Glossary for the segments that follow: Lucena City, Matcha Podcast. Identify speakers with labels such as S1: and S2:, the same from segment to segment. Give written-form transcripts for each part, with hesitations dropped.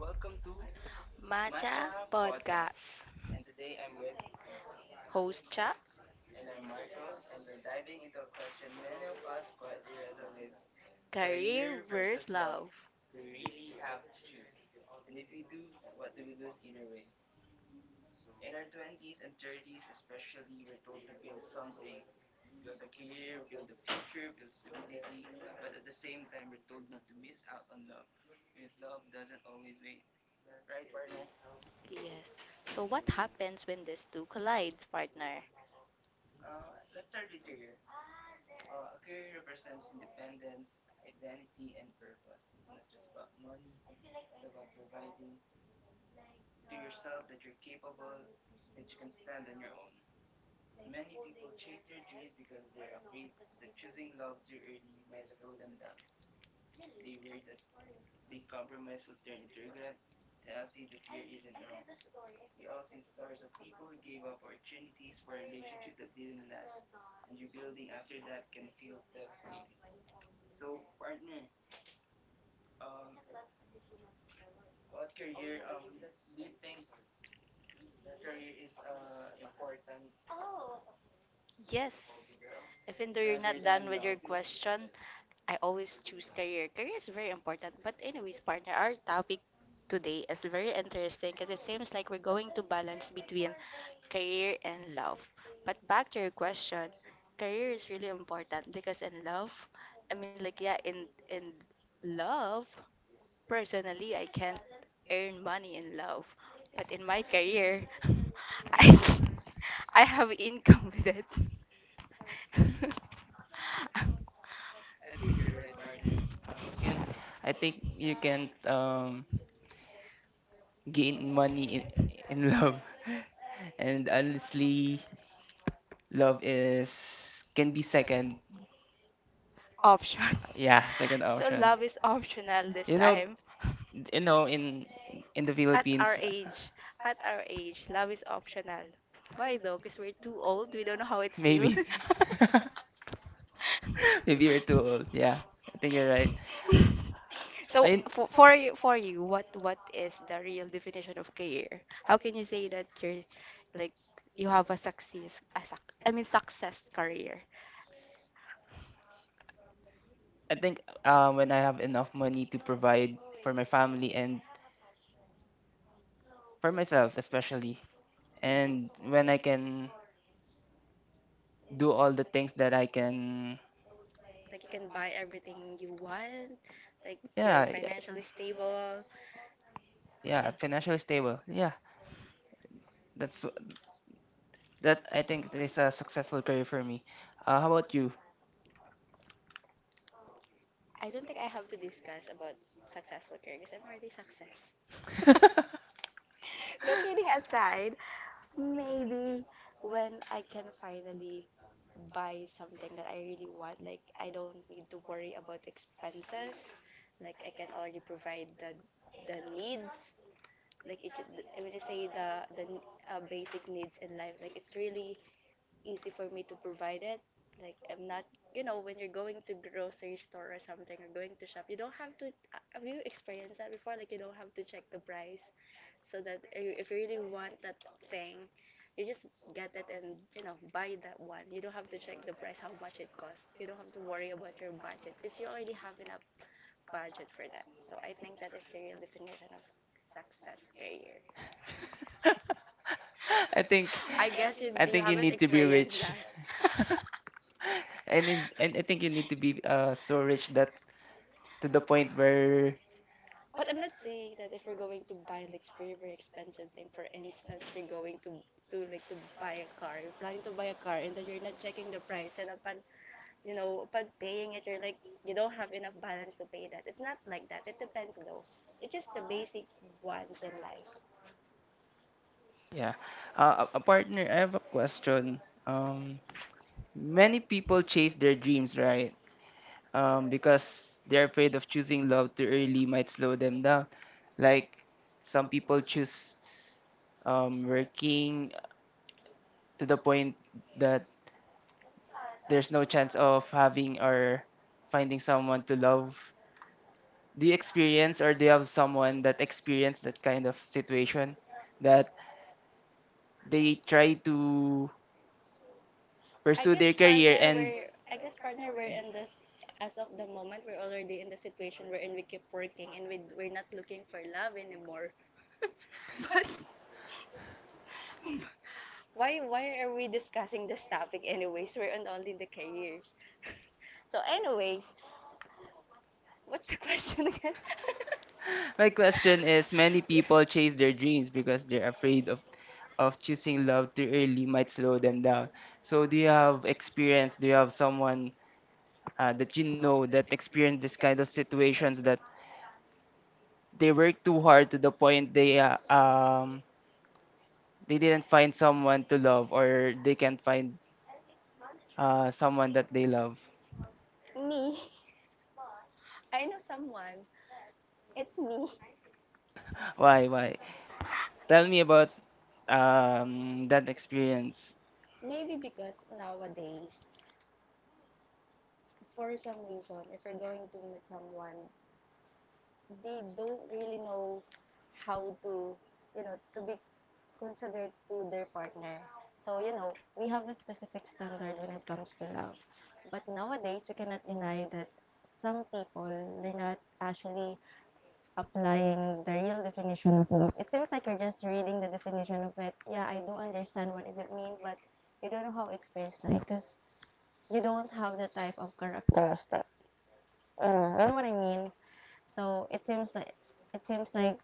S1: Welcome to
S2: Max,
S1: Matcha Podcast. And today I'm with,
S2: host Chuck,
S1: and I'm Michael, and we're diving into a question many of us quietly wrestle with
S2: Karen.
S1: career versus love. Do we really have to choose? And if we do, what do we lose either way? In our 20s and 30s, especially, we're told to build something build a career, build a future, build stability, but at the same time, we're told not to miss out on love because love doesn't always wait. Right, partner?
S2: Yes. So what happens when these two collides, partner?
S1: Let's start with career. A career represents independence, identity, and purpose. It's not just about money, it's about providing to yourself that you're capable, that you can stand on your own. Many people chase their dreams because they're afraid that choosing love too early might slow them down. They worry that they compromise will turn into regret, and honestly, the fear isn't wrong. We all seen stories of people who gave up opportunities for a relationship that didn't last, and rebuilding after that can feel devastating. So, partner, um, what career do you think career is important?
S2: Yes. If in the Your question, I always choose career. Career is very important. But anyways, partner, our topic today is very interesting because it seems like we're going to balance between career and love. But back to your question, career is really important because in love, yeah, in love, personally I can't earn money in love. But in my career, I, I have income with it.
S1: I think you're right, partner. You can I think you can gain money in love. And honestly, love is can be second.
S2: Option.
S1: Yeah, second option.
S2: Love is optional this
S1: You know,
S2: time.
S1: in in the Philippines.
S2: Age. At our age, love is optional. Why though? Because we're too old. We don't know how it feels.
S1: Maybe. Maybe you're too old. Yeah, I think you're right.
S2: So
S1: I
S2: for you, what is the real definition of career? How can you say that you're like you have a success career?
S1: I think when I have enough money to provide for my family and for myself especially, and when I can do all the things that I can,
S2: Like you can buy everything you want. Like
S1: yeah, yeah,
S2: financially stable.
S1: yeah, financially stable. Yeah, that's wh- that. I think that is a successful career for me. How about you?
S2: I don't think I have to discuss about successful career because I'm already success. No kidding aside, maybe when I can finally buy something that I really want, like I don't need to worry about expenses. Like I can already provide the needs. Like it, ju- I mean, To say the basic needs in life. Like it's really easy for me to provide it. Like I'm not, you know, when you're going to grocery store or something or going to shop, you don't have to. Have you experienced that before? Like you don't have to check the price, so that if you really want that thing, you just get it and you know buy that one. You don't have to check the price, how much it costs. You don't have to worry about your budget because you already have enough budget for that. So I think that is really the real definition of success career.
S1: I think
S2: I guess it's
S1: I think you need to be rich,
S2: that.
S1: and in, and I think you need to be so rich that to the point where
S2: But I'm not saying that if we're going to buy like very very expensive thing, for instance, we are going to to buy a car, you're planning to buy a car, and then you're not checking the price, and upon paying it, you're like you don't have enough balance to pay that. It's not like that. It depends though. It's just the basic wants in life.
S1: yeah. A partner, I have a question. Um, Many people chase their dreams, right? Because they're afraid of choosing love too early might slow them down. Like some people choose working to the point that there's no chance of having or finding someone to love. Do you experience or do you have someone that experienced that kind of situation that they try to pursue their career and
S2: I guess partner, we're in this as of the moment we're already in the situation wherein we keep working and we're not looking for love anymore. But why are we discussing this topic anyways? We're on only the careers. So, anyways, what's the question again?
S1: my question is many people chase their dreams because they're afraid of choosing love too early might slow them down. So do you have experience? Do you have someone that you know that experienced this kind of situations that they work too hard to the point they didn't find someone to love or they can't find someone that they love.
S2: Me. I know someone. It's me.
S1: Why why? Tell me about that experience.
S2: Maybe because nowadays, for some reason, if you're going to meet someone, they don't really know how to, you know, to be considered to their partner. So, you know, we have a specific standard when it comes to love. But nowadays, we cannot deny that some people, they're not actually applying the real definition of love. It seems like you're just reading the definition of it. Yeah, I do understand what does it mean, but you don't know how it feels like because you don't have the type of characteristic. You know what I mean? So it seems like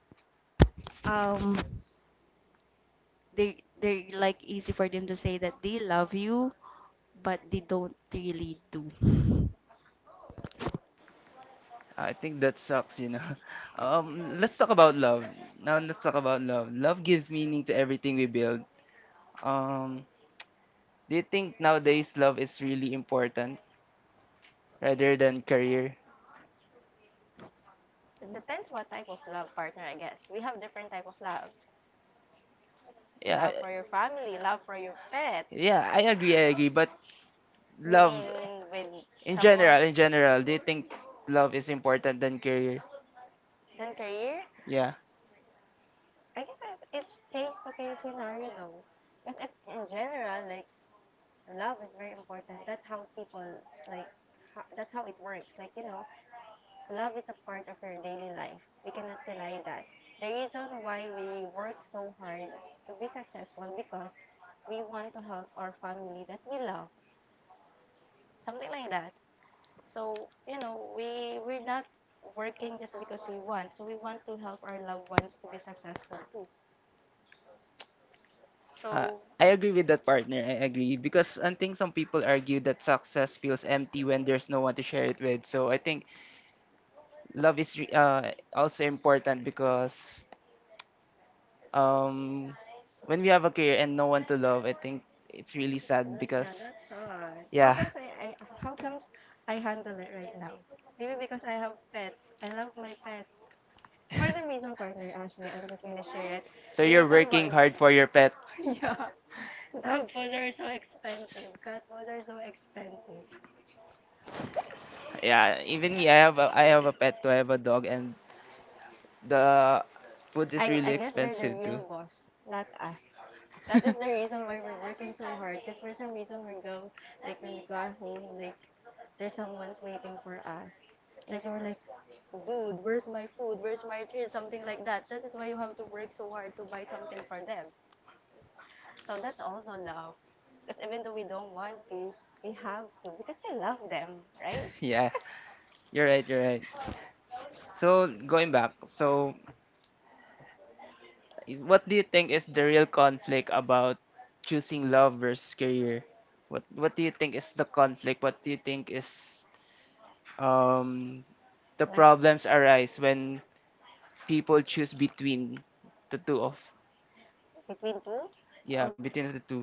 S1: I think that sucks, Let's talk about love. Now let's talk about love. Love gives meaning to everything we build. Um, do you think nowadays love is really important rather than career?
S2: it depends what type of love partner I guess. We have different type of love
S1: Yeah,
S2: for your family, love for your pet,
S1: yeah, I agree. But love
S2: then with
S1: in general, do you think love is important than career?
S2: then career.
S1: Yeah,
S2: I guess it's case to case scenario though. Because if in general, like love is very important. That's how people like. That's how it works. Like you know, love is a part of your daily life. We cannot deny that. The reason why we work so hard to be successful because we want to help our family that we love. Something like that. So you know, we're not working just because we want. So we want to help our loved ones to be successful too.
S1: uh,
S2: So
S1: I agree with that partner. I agree because I think some people argue that success feels empty when there's no one to share it with. So I think love is also important because um, when we have a career and no one to love, I think it's really sad because
S2: that's all.
S1: yeah.
S2: I How comes I handle it right now? Maybe because I have pet. I love my pet. For some reason, partner, actually, I'm just gonna share it.
S1: So you're working hard for your pet.
S2: Dog food are so expensive. Cat food are so expensive.
S1: Yeah, even me, I have a pet too. I have a dog, and the food is really
S2: Yes, they're the
S1: expensive too.
S2: real boss, not us. That is the reason why we're working so hard. Because for some reason, we go, like, when we go home, like, there's someone's waiting for us. Like, they were like, dude, where's my food? Where's my treat? Something like that. That is why you have to work so hard to buy something for them. So that's also love. Because even though we don't want to, we have to because I love them, right?
S1: Yeah, you're right. You're right. So going back, so what do you think is the real conflict about choosing love versus career? What do you think is the conflict? What do you think is um the problems arise when people choose between the two of
S2: Between two,
S1: yeah between the two.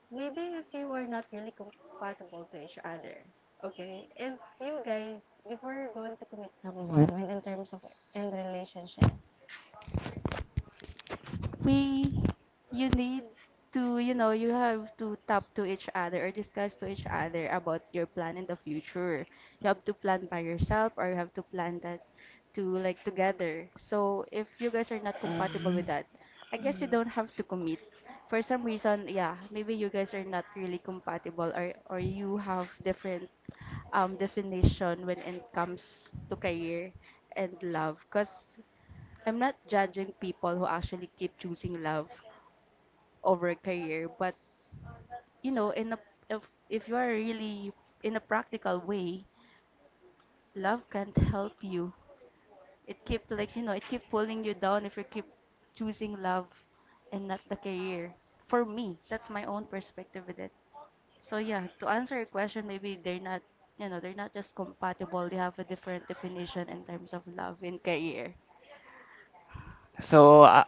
S2: maybe if you were not really compatible to each other. Okay. If you guys before you're going to commit someone, when in terms of in relationship, other about your plan in the future. You have to plan by yourself or you have to plan that to like together. So if you guys are not compatible with that, I guess you don't have to commit. For some reason, yeah, maybe you guys are not really compatible or you have different definition when it comes to career and love because I'm not judging people who actually keep choosing love over career, but you know, in a if you are really in a practical way, love can't help you. It keep like you know, it keep pulling you down if you keep choosing love and not the career. For me, that's my own perspective with it. So yeah, to answer your question, maybe they're not you know, they're not just compatible. They have a different definition in terms of love and career.
S1: So I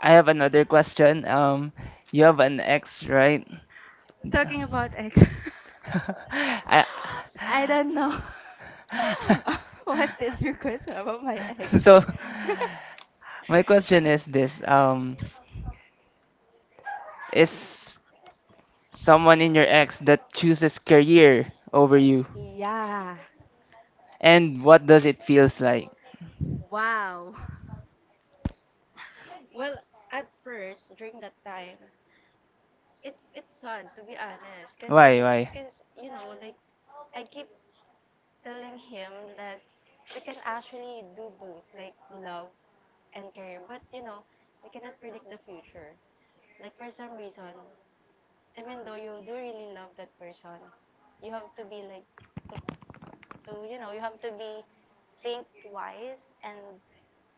S1: I have another question. You have an ex, right?
S2: Talking about ex,
S1: I
S2: I don't know. What is your question about my ex?
S1: so my question is this: is someone in your ex that chooses career over you and what does it feels like
S2: Wow. Well, at first, during that time, it's sad to be honest,
S1: why
S2: 'cause, you know, like I keep telling him that we can actually do both, like love and career, but you know, we cannot predict the future. Like for some reason, even though you do really love that person, you have to be like to, you have to be think wise and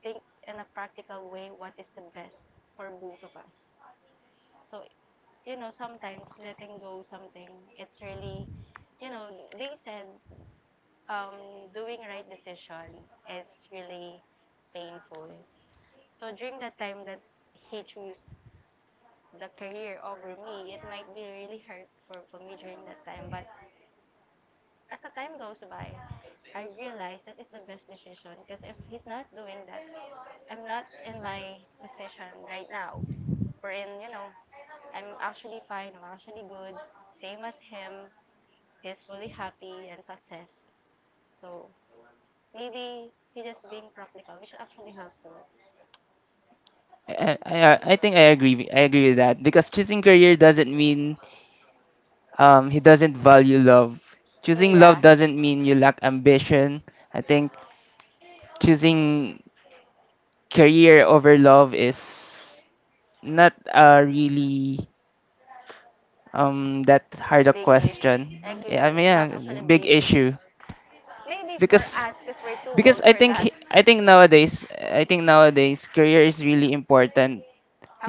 S2: think in a practical way what is the best for both of us. So, you know, sometimes letting go something, it's really, you know, they said doing right decision is really painful. So during the time that he chose the career over me, it might be really hurtful for me during that time. But as the time goes by, I realize that is the best decision because if he's not doing that, I'm not in my position right now. You know, I'm actually fine, I'm actually good, same as him. He's fully happy and success. So maybe he just being practical, which actually helps him.
S1: I think I agree with that because choosing career doesn't mean he doesn't value love. Choosing love doesn't mean you lack ambition. I think choosing career over love is not a really that hard a question.
S2: Like
S1: Yeah,
S2: if-
S1: I mean yeah, big issue
S2: Maybe for
S1: because
S2: us, because we're too
S1: because I think I think nowadays career is really important.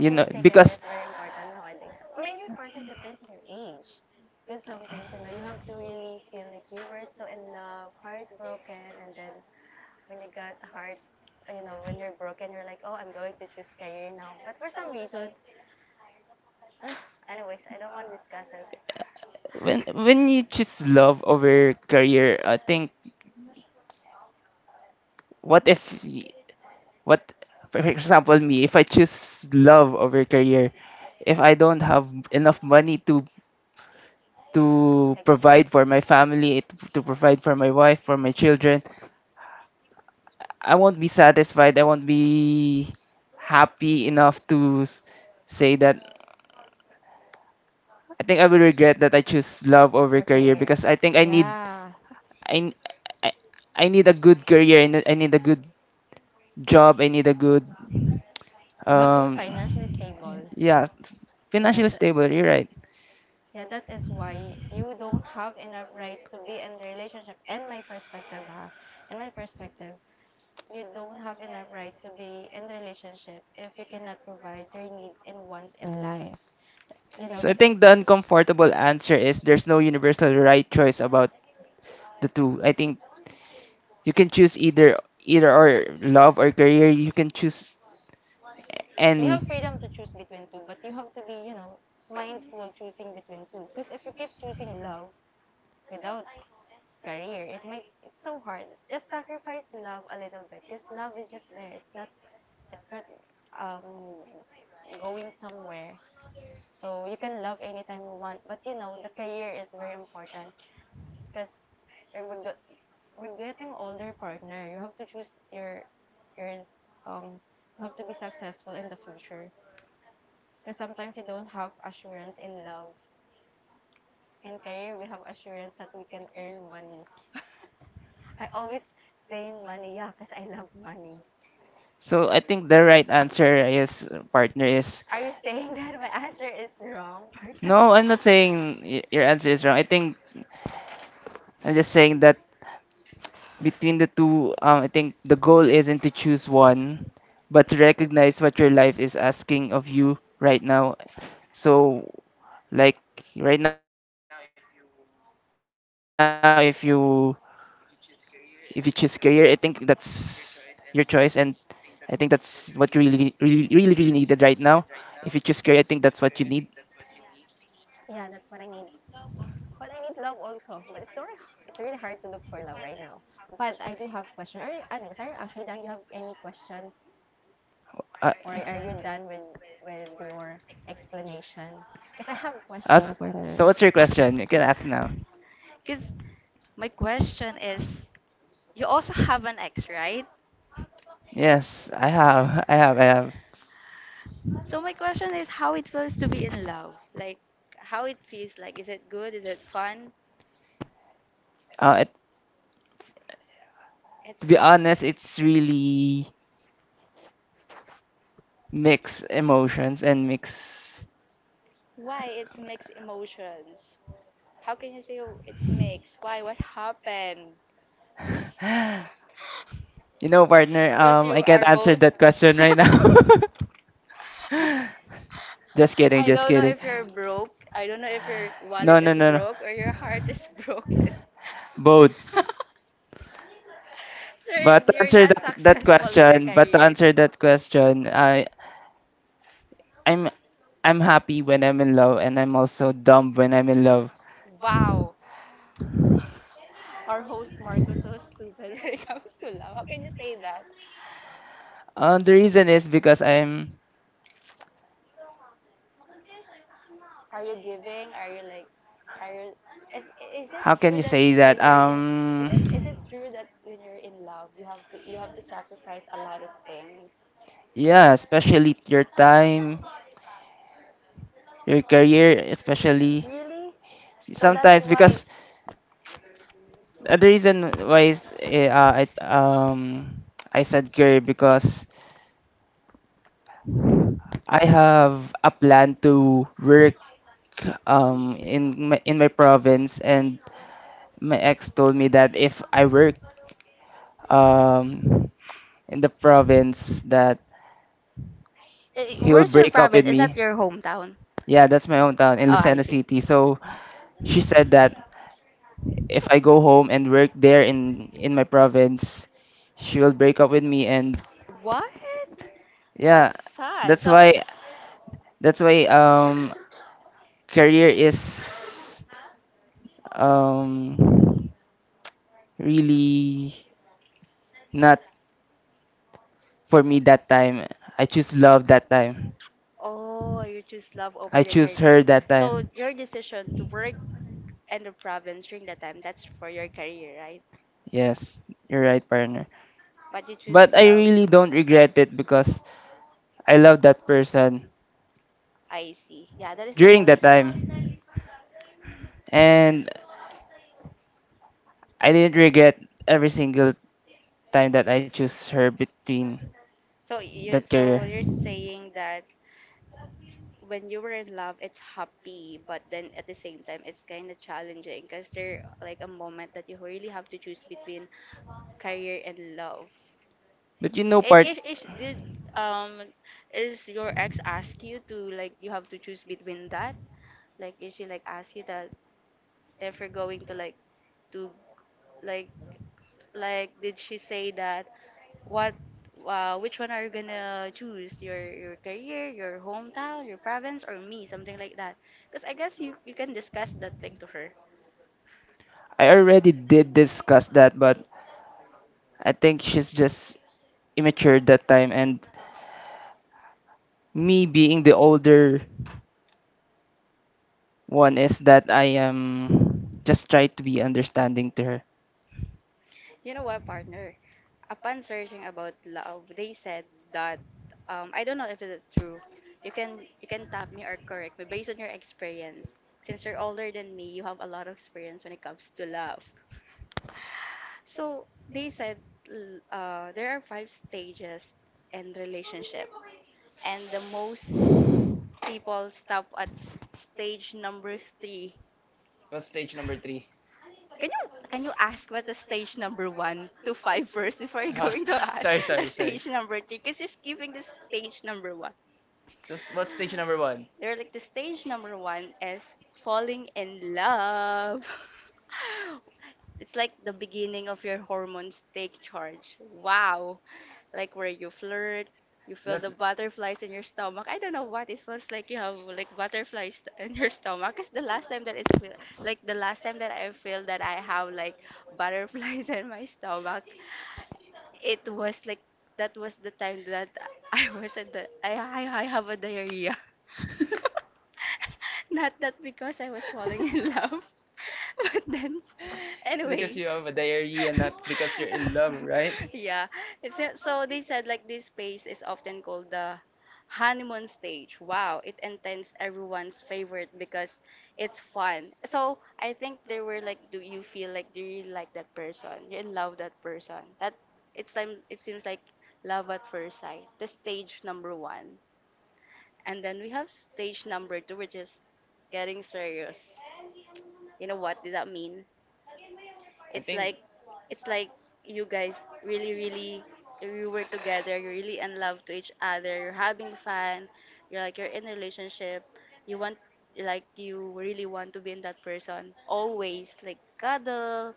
S1: You know, because
S2: very important now, I nowadays. Maybe part it depends on your age. Because sometimes, you know, you have to really feel like you were so in love, heartbroken, and then when you got heart, you know, when you're broken, you're like, oh, I'm going to choose career now. But for some reason, mm, anyways, I don't want to discuss this.
S1: when you choose love over career, I think what if y- what for example me if I choose love over career, if I don't have enough money to provide for my family, to provide for my wife, for my children, I won't be satisfied. I won't be happy enough to say that I think I will regret that I choose love over career because I think I need
S2: Ah,
S1: I I, I need a good career and I need a good job. I need a good
S2: financially
S1: um
S2: stable.
S1: yeah, financially stable, you're right.
S2: Yeah, that is why you don't have enough rights to be in the relationship. And my perspective, ha. In my perspective, you don't have enough right to be in the relationship if you cannot provide your needs and wants in life. You
S1: So I think the uncomfortable answer is there's no universal right choice about the two. I think you can choose either either or love or career, you can choose
S2: have
S1: any.
S2: freedom to choose between two, but you have to be, you know, mindful choosing between two. Because if you keep choosing love without career, it might it's so hard. Just sacrifice love a little bit. Because love is just there. It's not um going somewhere. So you can love anytime you want, but you know the career is very important. Because with the, with getting older partner, you have to choose your yours um you have to be successful in the future. Because sometimes you don't have assurance in love. In career, we have assurance that we can earn money. I always saying money, yeah, because I love money.
S1: So I think the right answer is partner is
S2: Are you saying that my answer is wrong?
S1: no, I'm not saying your answer is wrong. I think I'm just saying that between the two, I think the goal isn't to choose one, but to recognize what your life is asking of you right now. So, like right now, if you choose career, I think that's your choice, and I think that's what you really, really, really, really needed right now. If you choose career, I think that's what you need.
S2: Yeah, that's what I need. But I need love also. But it's really hard to look for love right now. But I do have question. Are you actually done? You have any question? Or
S1: Uh,
S2: are you done with your explanation? Because I have questions
S1: As
S2: for Nurse.
S1: so what's your question? You can ask now.
S2: Because my question is, you also have an ex, right?
S1: Yes, I have. I have. I have.
S2: So my question is how it feels to be in love. Like how it feels like. Is it good? Is it fun?
S1: Uh, it,
S2: It's
S1: to be honest, it's really mixed emotions and mixed.
S2: why it's mixed emotions. How can you say oh, it's mixed? Why? What happened?
S1: You know, partner. I can't answer that question right now. Just kidding. Just kidding.
S2: If you're broke, I don't know if your wallet
S1: No, no, no, no.
S2: broke or your heart is broken.
S1: Both.
S2: Sorry.
S1: But to answer that, that question, but to answer that question, I'm I'm happy when I'm in love and I'm also dumb when I'm in love.
S2: Wow. Our host Marcos so stupid when it comes to love. How can you say that?
S1: The reason is because I'm
S2: Are you giving? Are you like are you is, is it
S1: how can you say that?
S2: it is it true that when you're in love you have to sacrifice a lot of things?
S1: Yeah, especially your time, your career especially
S2: Really?
S1: sometimes because the reason why is eh, I said career because I have a plan to work in my province and my ex told me that if I work um in the province that
S2: Eh,
S1: he'll break up with me.
S2: hometown?
S1: Yeah, that's my hometown in Lucena City. So she said that if I go home and work there in my province, she will break up with me and
S2: What?
S1: yeah,
S2: Sad.
S1: that's why that's why career is um really not for me that time. I choose love that time.
S2: Oh, you choose love over
S1: I choose her that time.
S2: your decision to work in the province during that time, that's for your career, right?
S1: Yes, you're right, partner.
S2: But you choose
S1: But I really don't regret it because I love that person
S2: I see. Yeah, that is the
S1: during
S2: most.
S1: that time. And I didn't regret every single time that I choose her between that
S2: So
S1: career.
S2: you're saying that when you were in love, it's happy, but then at the same time, it's kind of challenging because there like a moment that you really have to choose between career and love.
S1: But you know part
S2: Did um is your ex ask you to like you have to choose between that? Like is she like ask you that if you're going to like like did she say that what which one are you gonna choose your career your hometown your province or me something like that because I guess you you can discuss that thing to her.
S1: I already did discuss that, but I think she's just immature that time. And me being the older one is that I am just try to be understanding to her.
S2: You know what, partner, upon searching about love they said that, I don't know if it is true, you can tap me or correct me based on your experience. Since you're older than me you have a lot of experience when it comes to love, so they said there are five stages in relationship and the most people stop at stage number three.
S1: What's stage number three?
S2: Can you ask what the stage number one to five first before you're
S1: Huh?
S2: going to ask
S1: Sorry,
S2: the
S1: sorry, sorry.
S2: stage number three? Because you're skipping the stage number one.
S1: So what's stage number one?
S2: They're like the stage number one is falling in love. It's like the beginning of your hormones take charge. Wow. Like where you flirt, you feel
S1: That's
S2: the butterflies in your stomach. I don't know what it feels like, you have like butterflies in your stomach. It's the last time that it feel like the last time that I feel that I have like butterflies in my stomach. It was like that was the time that I was at the I have a diarrhea. Not that because I was falling in love, but then
S1: it's because
S2: anyways.
S1: you have a diary and not because you're in love, right?
S2: Yeah. So they said like this phase is often called the honeymoon stage. Wow, it intends everyone's favorite because it's fun. So I think they were like, do you feel like do you really like that person? You in love that person. That it's time. It seems like love at first sight. The stage number one, and then we have stage number two, which is getting serious. You know what did that mean?
S1: I
S2: It's
S1: think
S2: like it's like you guys really you were together, you're really in love to each other, you're having fun, you're like you're in a relationship, you want like you really want to be in that person always like cuddle,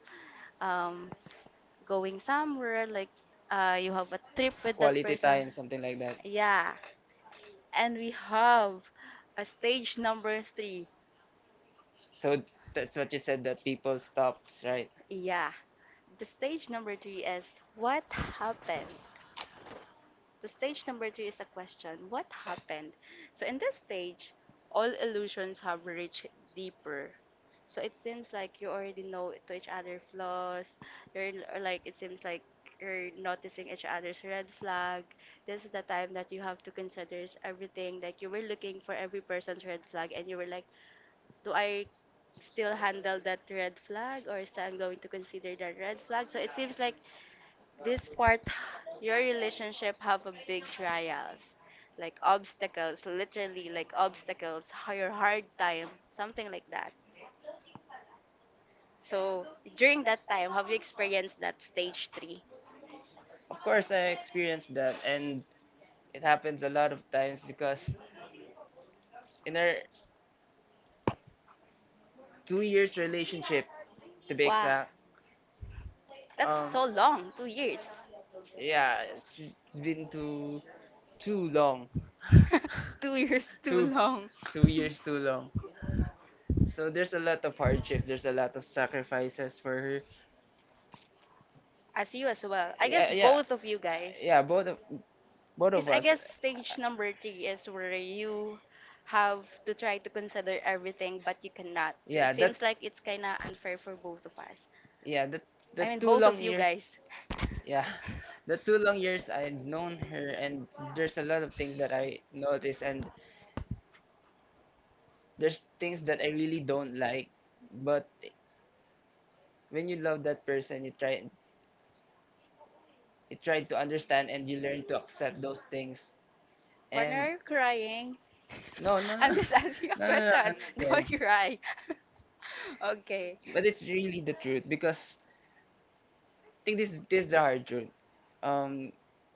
S2: um going somewhere like you have a trip with that
S1: quality
S2: person.
S1: time, something like that.
S2: Yeah. And we have a stage number three.
S1: So that's what you said that people stops, right?
S2: Yeah. The stage number three is what happened? The stage number three is a question. What happened? So in this stage, all illusions have reached deeper. So it seems like you already know to each other flaws. You're or like it seems like you're noticing each other's red flag. This is the time that you have to consider is everything. Like you were looking for every person's red flag, and you were like, do I still handle that red flag, or is I'm going to consider that red flag? So it seems like this part, your relationship have a big trials, like obstacles, literally like obstacles, your hard time, something like that. So during that time, have you experienced that stage three?
S1: Of course, I experienced that, and it happens a lot of times because in our 2 years relationship, to be
S2: Wow,
S1: exact,
S2: that's
S1: um,
S2: so long, 2 years.
S1: yeah, it's been too long.
S2: 2 years too
S1: two
S2: long.
S1: two years too long. So there's a lot of hardships, there's a lot of sacrifices for her,
S2: As you as well. I
S1: yeah
S2: guess
S1: yeah
S2: both of you guys.
S1: yeah both
S2: Because
S1: of
S2: I
S1: us
S2: guess stage number three is where you have to try to consider everything, but you cannot. So
S1: yeah
S2: it
S1: that
S2: seems like it's kind of unfair for both of us.
S1: yeah the
S2: I mean,
S1: two
S2: both
S1: long
S2: of you
S1: years
S2: guys.
S1: yeah the two long years I known her and there's a lot of things that I notice and there's things that I really don't like but when you love that person you try to understand and you learn to accept those things
S2: Partner,
S1: and
S2: are you crying?
S1: no no no
S2: I'm just asking a
S1: no no, no, no
S2: question. Don't
S1: okay.
S2: cry. Okay.
S1: But it's really the truth because think this is the hard truth. Um,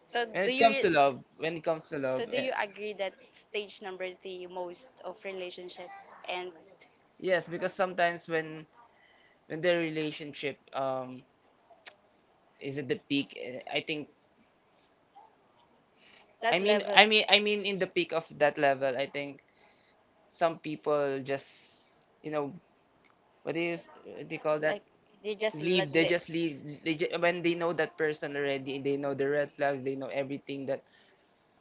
S2: So
S1: when
S2: do
S1: it
S2: you
S1: comes
S2: re-
S1: to love, when it comes to love,
S2: so do you agree that stage number three most of relationship and
S1: yes, because sometimes when the relationship is at the peak, I think,
S2: that level?
S1: I mean, in the peak of that level, I think some people just, you know, what do you call that?
S2: Like they just
S1: Leave they
S2: let
S1: just leave they just, when they know that person already they know the red flags they know everything that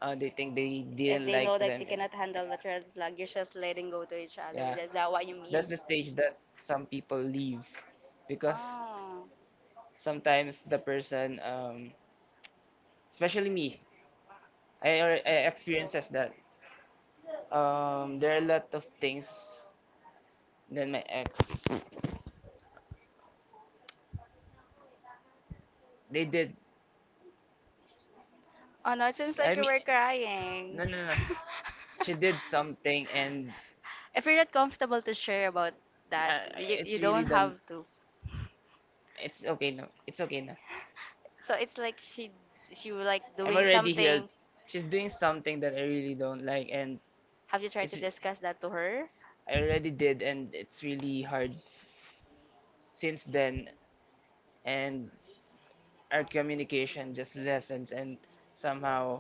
S1: they think they
S2: if
S1: didn't
S2: they
S1: like
S2: know that
S1: them.
S2: they cannot handle the red flag, you're just letting go to each other.
S1: Yeah,
S2: Is that what you mean?
S1: that's the stage that some people leave because
S2: Oh,
S1: sometimes the person, especially me, I experiences that. There are a lot of things that my ex they did.
S2: oh no! It seems
S1: I
S2: like you
S1: mean,
S2: were
S1: no,
S2: crying.
S1: no, no. She did something, and
S2: If you're not comfortable to share about that,
S1: uh,
S2: you
S1: it's
S2: you
S1: really
S2: don't
S1: done.
S2: have to.
S1: It's okay now. It's okay now.
S2: So it's like she was like
S1: I'm
S2: doing
S1: already healed.
S2: something.
S1: She's doing something that I really don't like, and
S2: Have you tried
S1: it's
S2: to discuss that to her?
S1: I already did, and it's really hard since then. And our communication just lessens, and somehow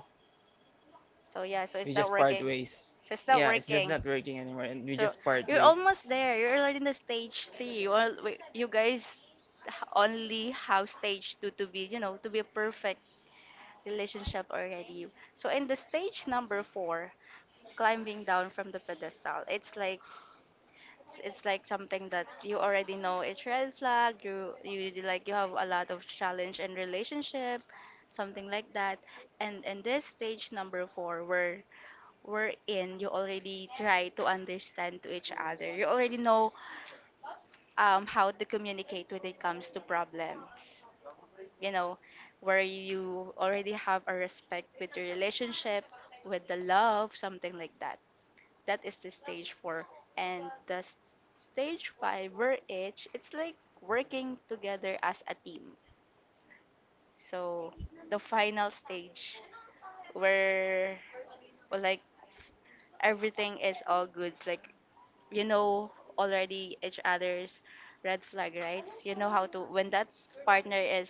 S2: So yeah, so
S1: we
S2: it's not
S1: just part
S2: working.
S1: ways.
S2: So it's not
S1: Yeah, it's just
S2: working.
S1: not working anymore, and we
S2: So
S1: just part
S2: you're
S1: ways.
S2: almost there. You're already in the stage three. Well, you guys only have stage two to be, you know, to be a perfect relationship already. So in the stage number four, climbing down from the pedestal, it's like it's like something that you already know it's red flag. You like you have a lot of challenge in relationship, something like that. And in this stage number four, where we're in, you already try to understand to each other. You already know how to communicate when it comes to problem. You know, where you already have a respect with your relationship, with the love, something like that. That is the stage four. And stage five, we're each, it's like working together as a team. So the final stage where well, like everything is all goods. Like you know already each other's red flag, right? You know how to when that partner is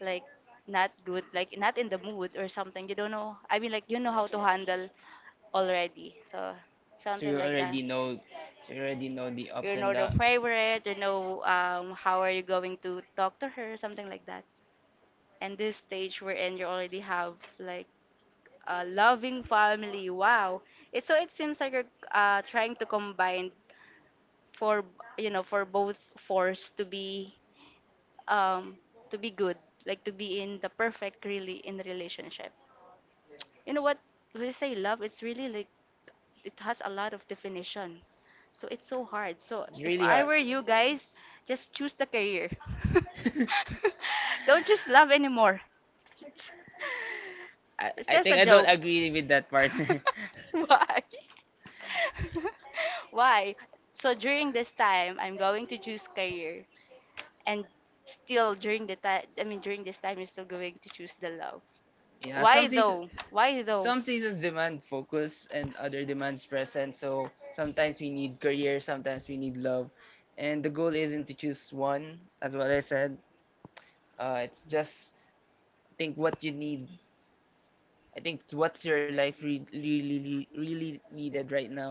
S2: like not good, like not in the mood or something. You don't know. I mean, like you know how to handle already. So
S1: So you
S2: something like that.
S1: already know, so you already know the ups
S2: You
S1: and
S2: know the
S1: downs.
S2: favorite, you know, how are you going to talk to her, something like that. And this stage we're in, you already have like a loving family. Wow. It, so it seems like you're trying to combine for, you know, for both force um, to be good, like to be in the perfect really in the relationship. You know what? We say love, it's really like it has a lot of definition. So it's so hard. So
S1: It's
S2: if
S1: really
S2: I
S1: hard.
S2: were you guys, just choose the career. Don't choose love anymore. It's
S1: I
S2: just
S1: think
S2: a
S1: I don't
S2: joke.
S1: agree with that partner.
S2: Why? Why? So during this time, I'm going to choose career, and still during the time, I mean during this time, I'm still going to choose the love.
S1: Yeah, some
S2: Why
S1: season,
S2: though? Why though?
S1: some seasons demand focus and other demands presence. So sometimes we need career, sometimes we need love, and the goal isn't to choose one. As what I said, it's just think what you need. I think it's what's your life re- really really really needed right now.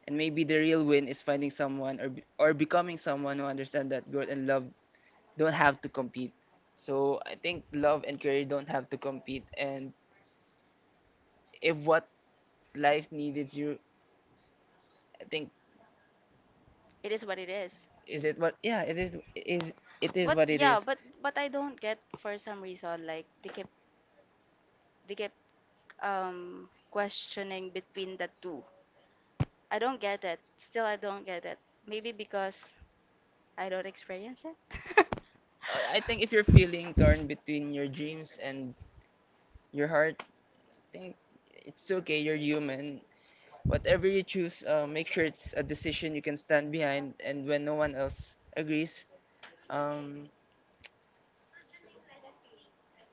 S1: And maybe the real win is finding someone or or becoming someone who understand that growth and love don't have to compete. So I think love and career don't have to compete. And if what life needed you I think
S2: It is what it is.
S1: is it what yeah it is it is what
S2: But
S1: it
S2: yeah,
S1: is.
S2: but I don't get for some reason like they kept questioning between the two. I don't get it. Still, I don't get it. Maybe because I don't experience it.
S1: I think if you're feeling torn between your dreams and your heart, I think it's okay. You're human. Whatever you choose, make sure it's a decision you can stand behind. And when no one else agrees, um,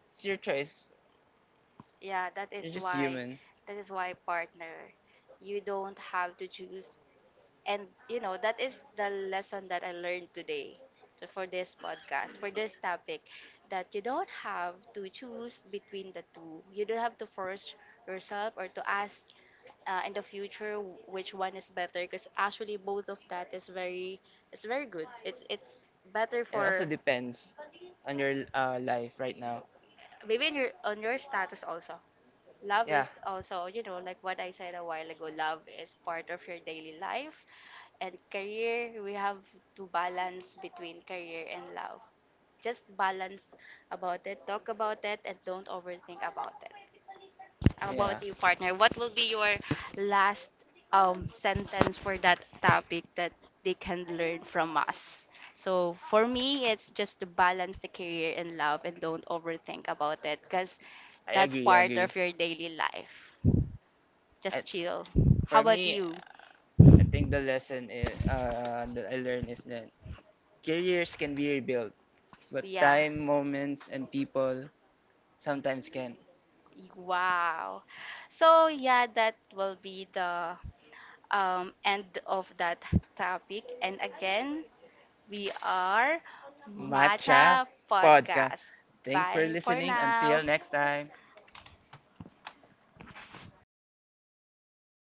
S1: it's your choice.
S2: Yeah, that
S1: You're
S2: is
S1: just
S2: why
S1: human,
S2: partner. You don't have to choose and you know that is the lesson that I learned today for this podcast for this topic that you don't have to choose between the two, you don't have to force yourself or to ask in the future which one is better because actually both of that is very it's very good it's better
S1: and it also
S2: for
S1: depends on your life right now.
S2: maybe in your, on your status also. Love
S1: Yeah.
S2: is also, you know, like what I said a while ago, love is part of your daily life and career, we have to balance between career and love. Just balance about it, talk about it, and don't overthink about it. How
S1: Yeah,
S2: about you, partner? What will be your last sentence for that topic that they can learn from us? So for me, it's just to balance the career and love and don't overthink about it because
S1: I
S2: that's
S1: agree. I
S2: part
S1: agree.
S2: of your daily life.
S1: I,
S2: Just chill.
S1: for
S2: How about
S1: me,
S2: you?
S1: I think the lesson that I learned is that careers can be rebuilt, but
S2: Yeah.
S1: time, moments, and people sometimes can.
S2: Wow. So yeah, that will be the end of that topic. And again, we are
S1: Matcha
S2: Matcha
S1: podcast.
S2: Podcast.
S1: Thanks for
S2: Bye for
S1: listening. Until
S2: now.
S1: next time.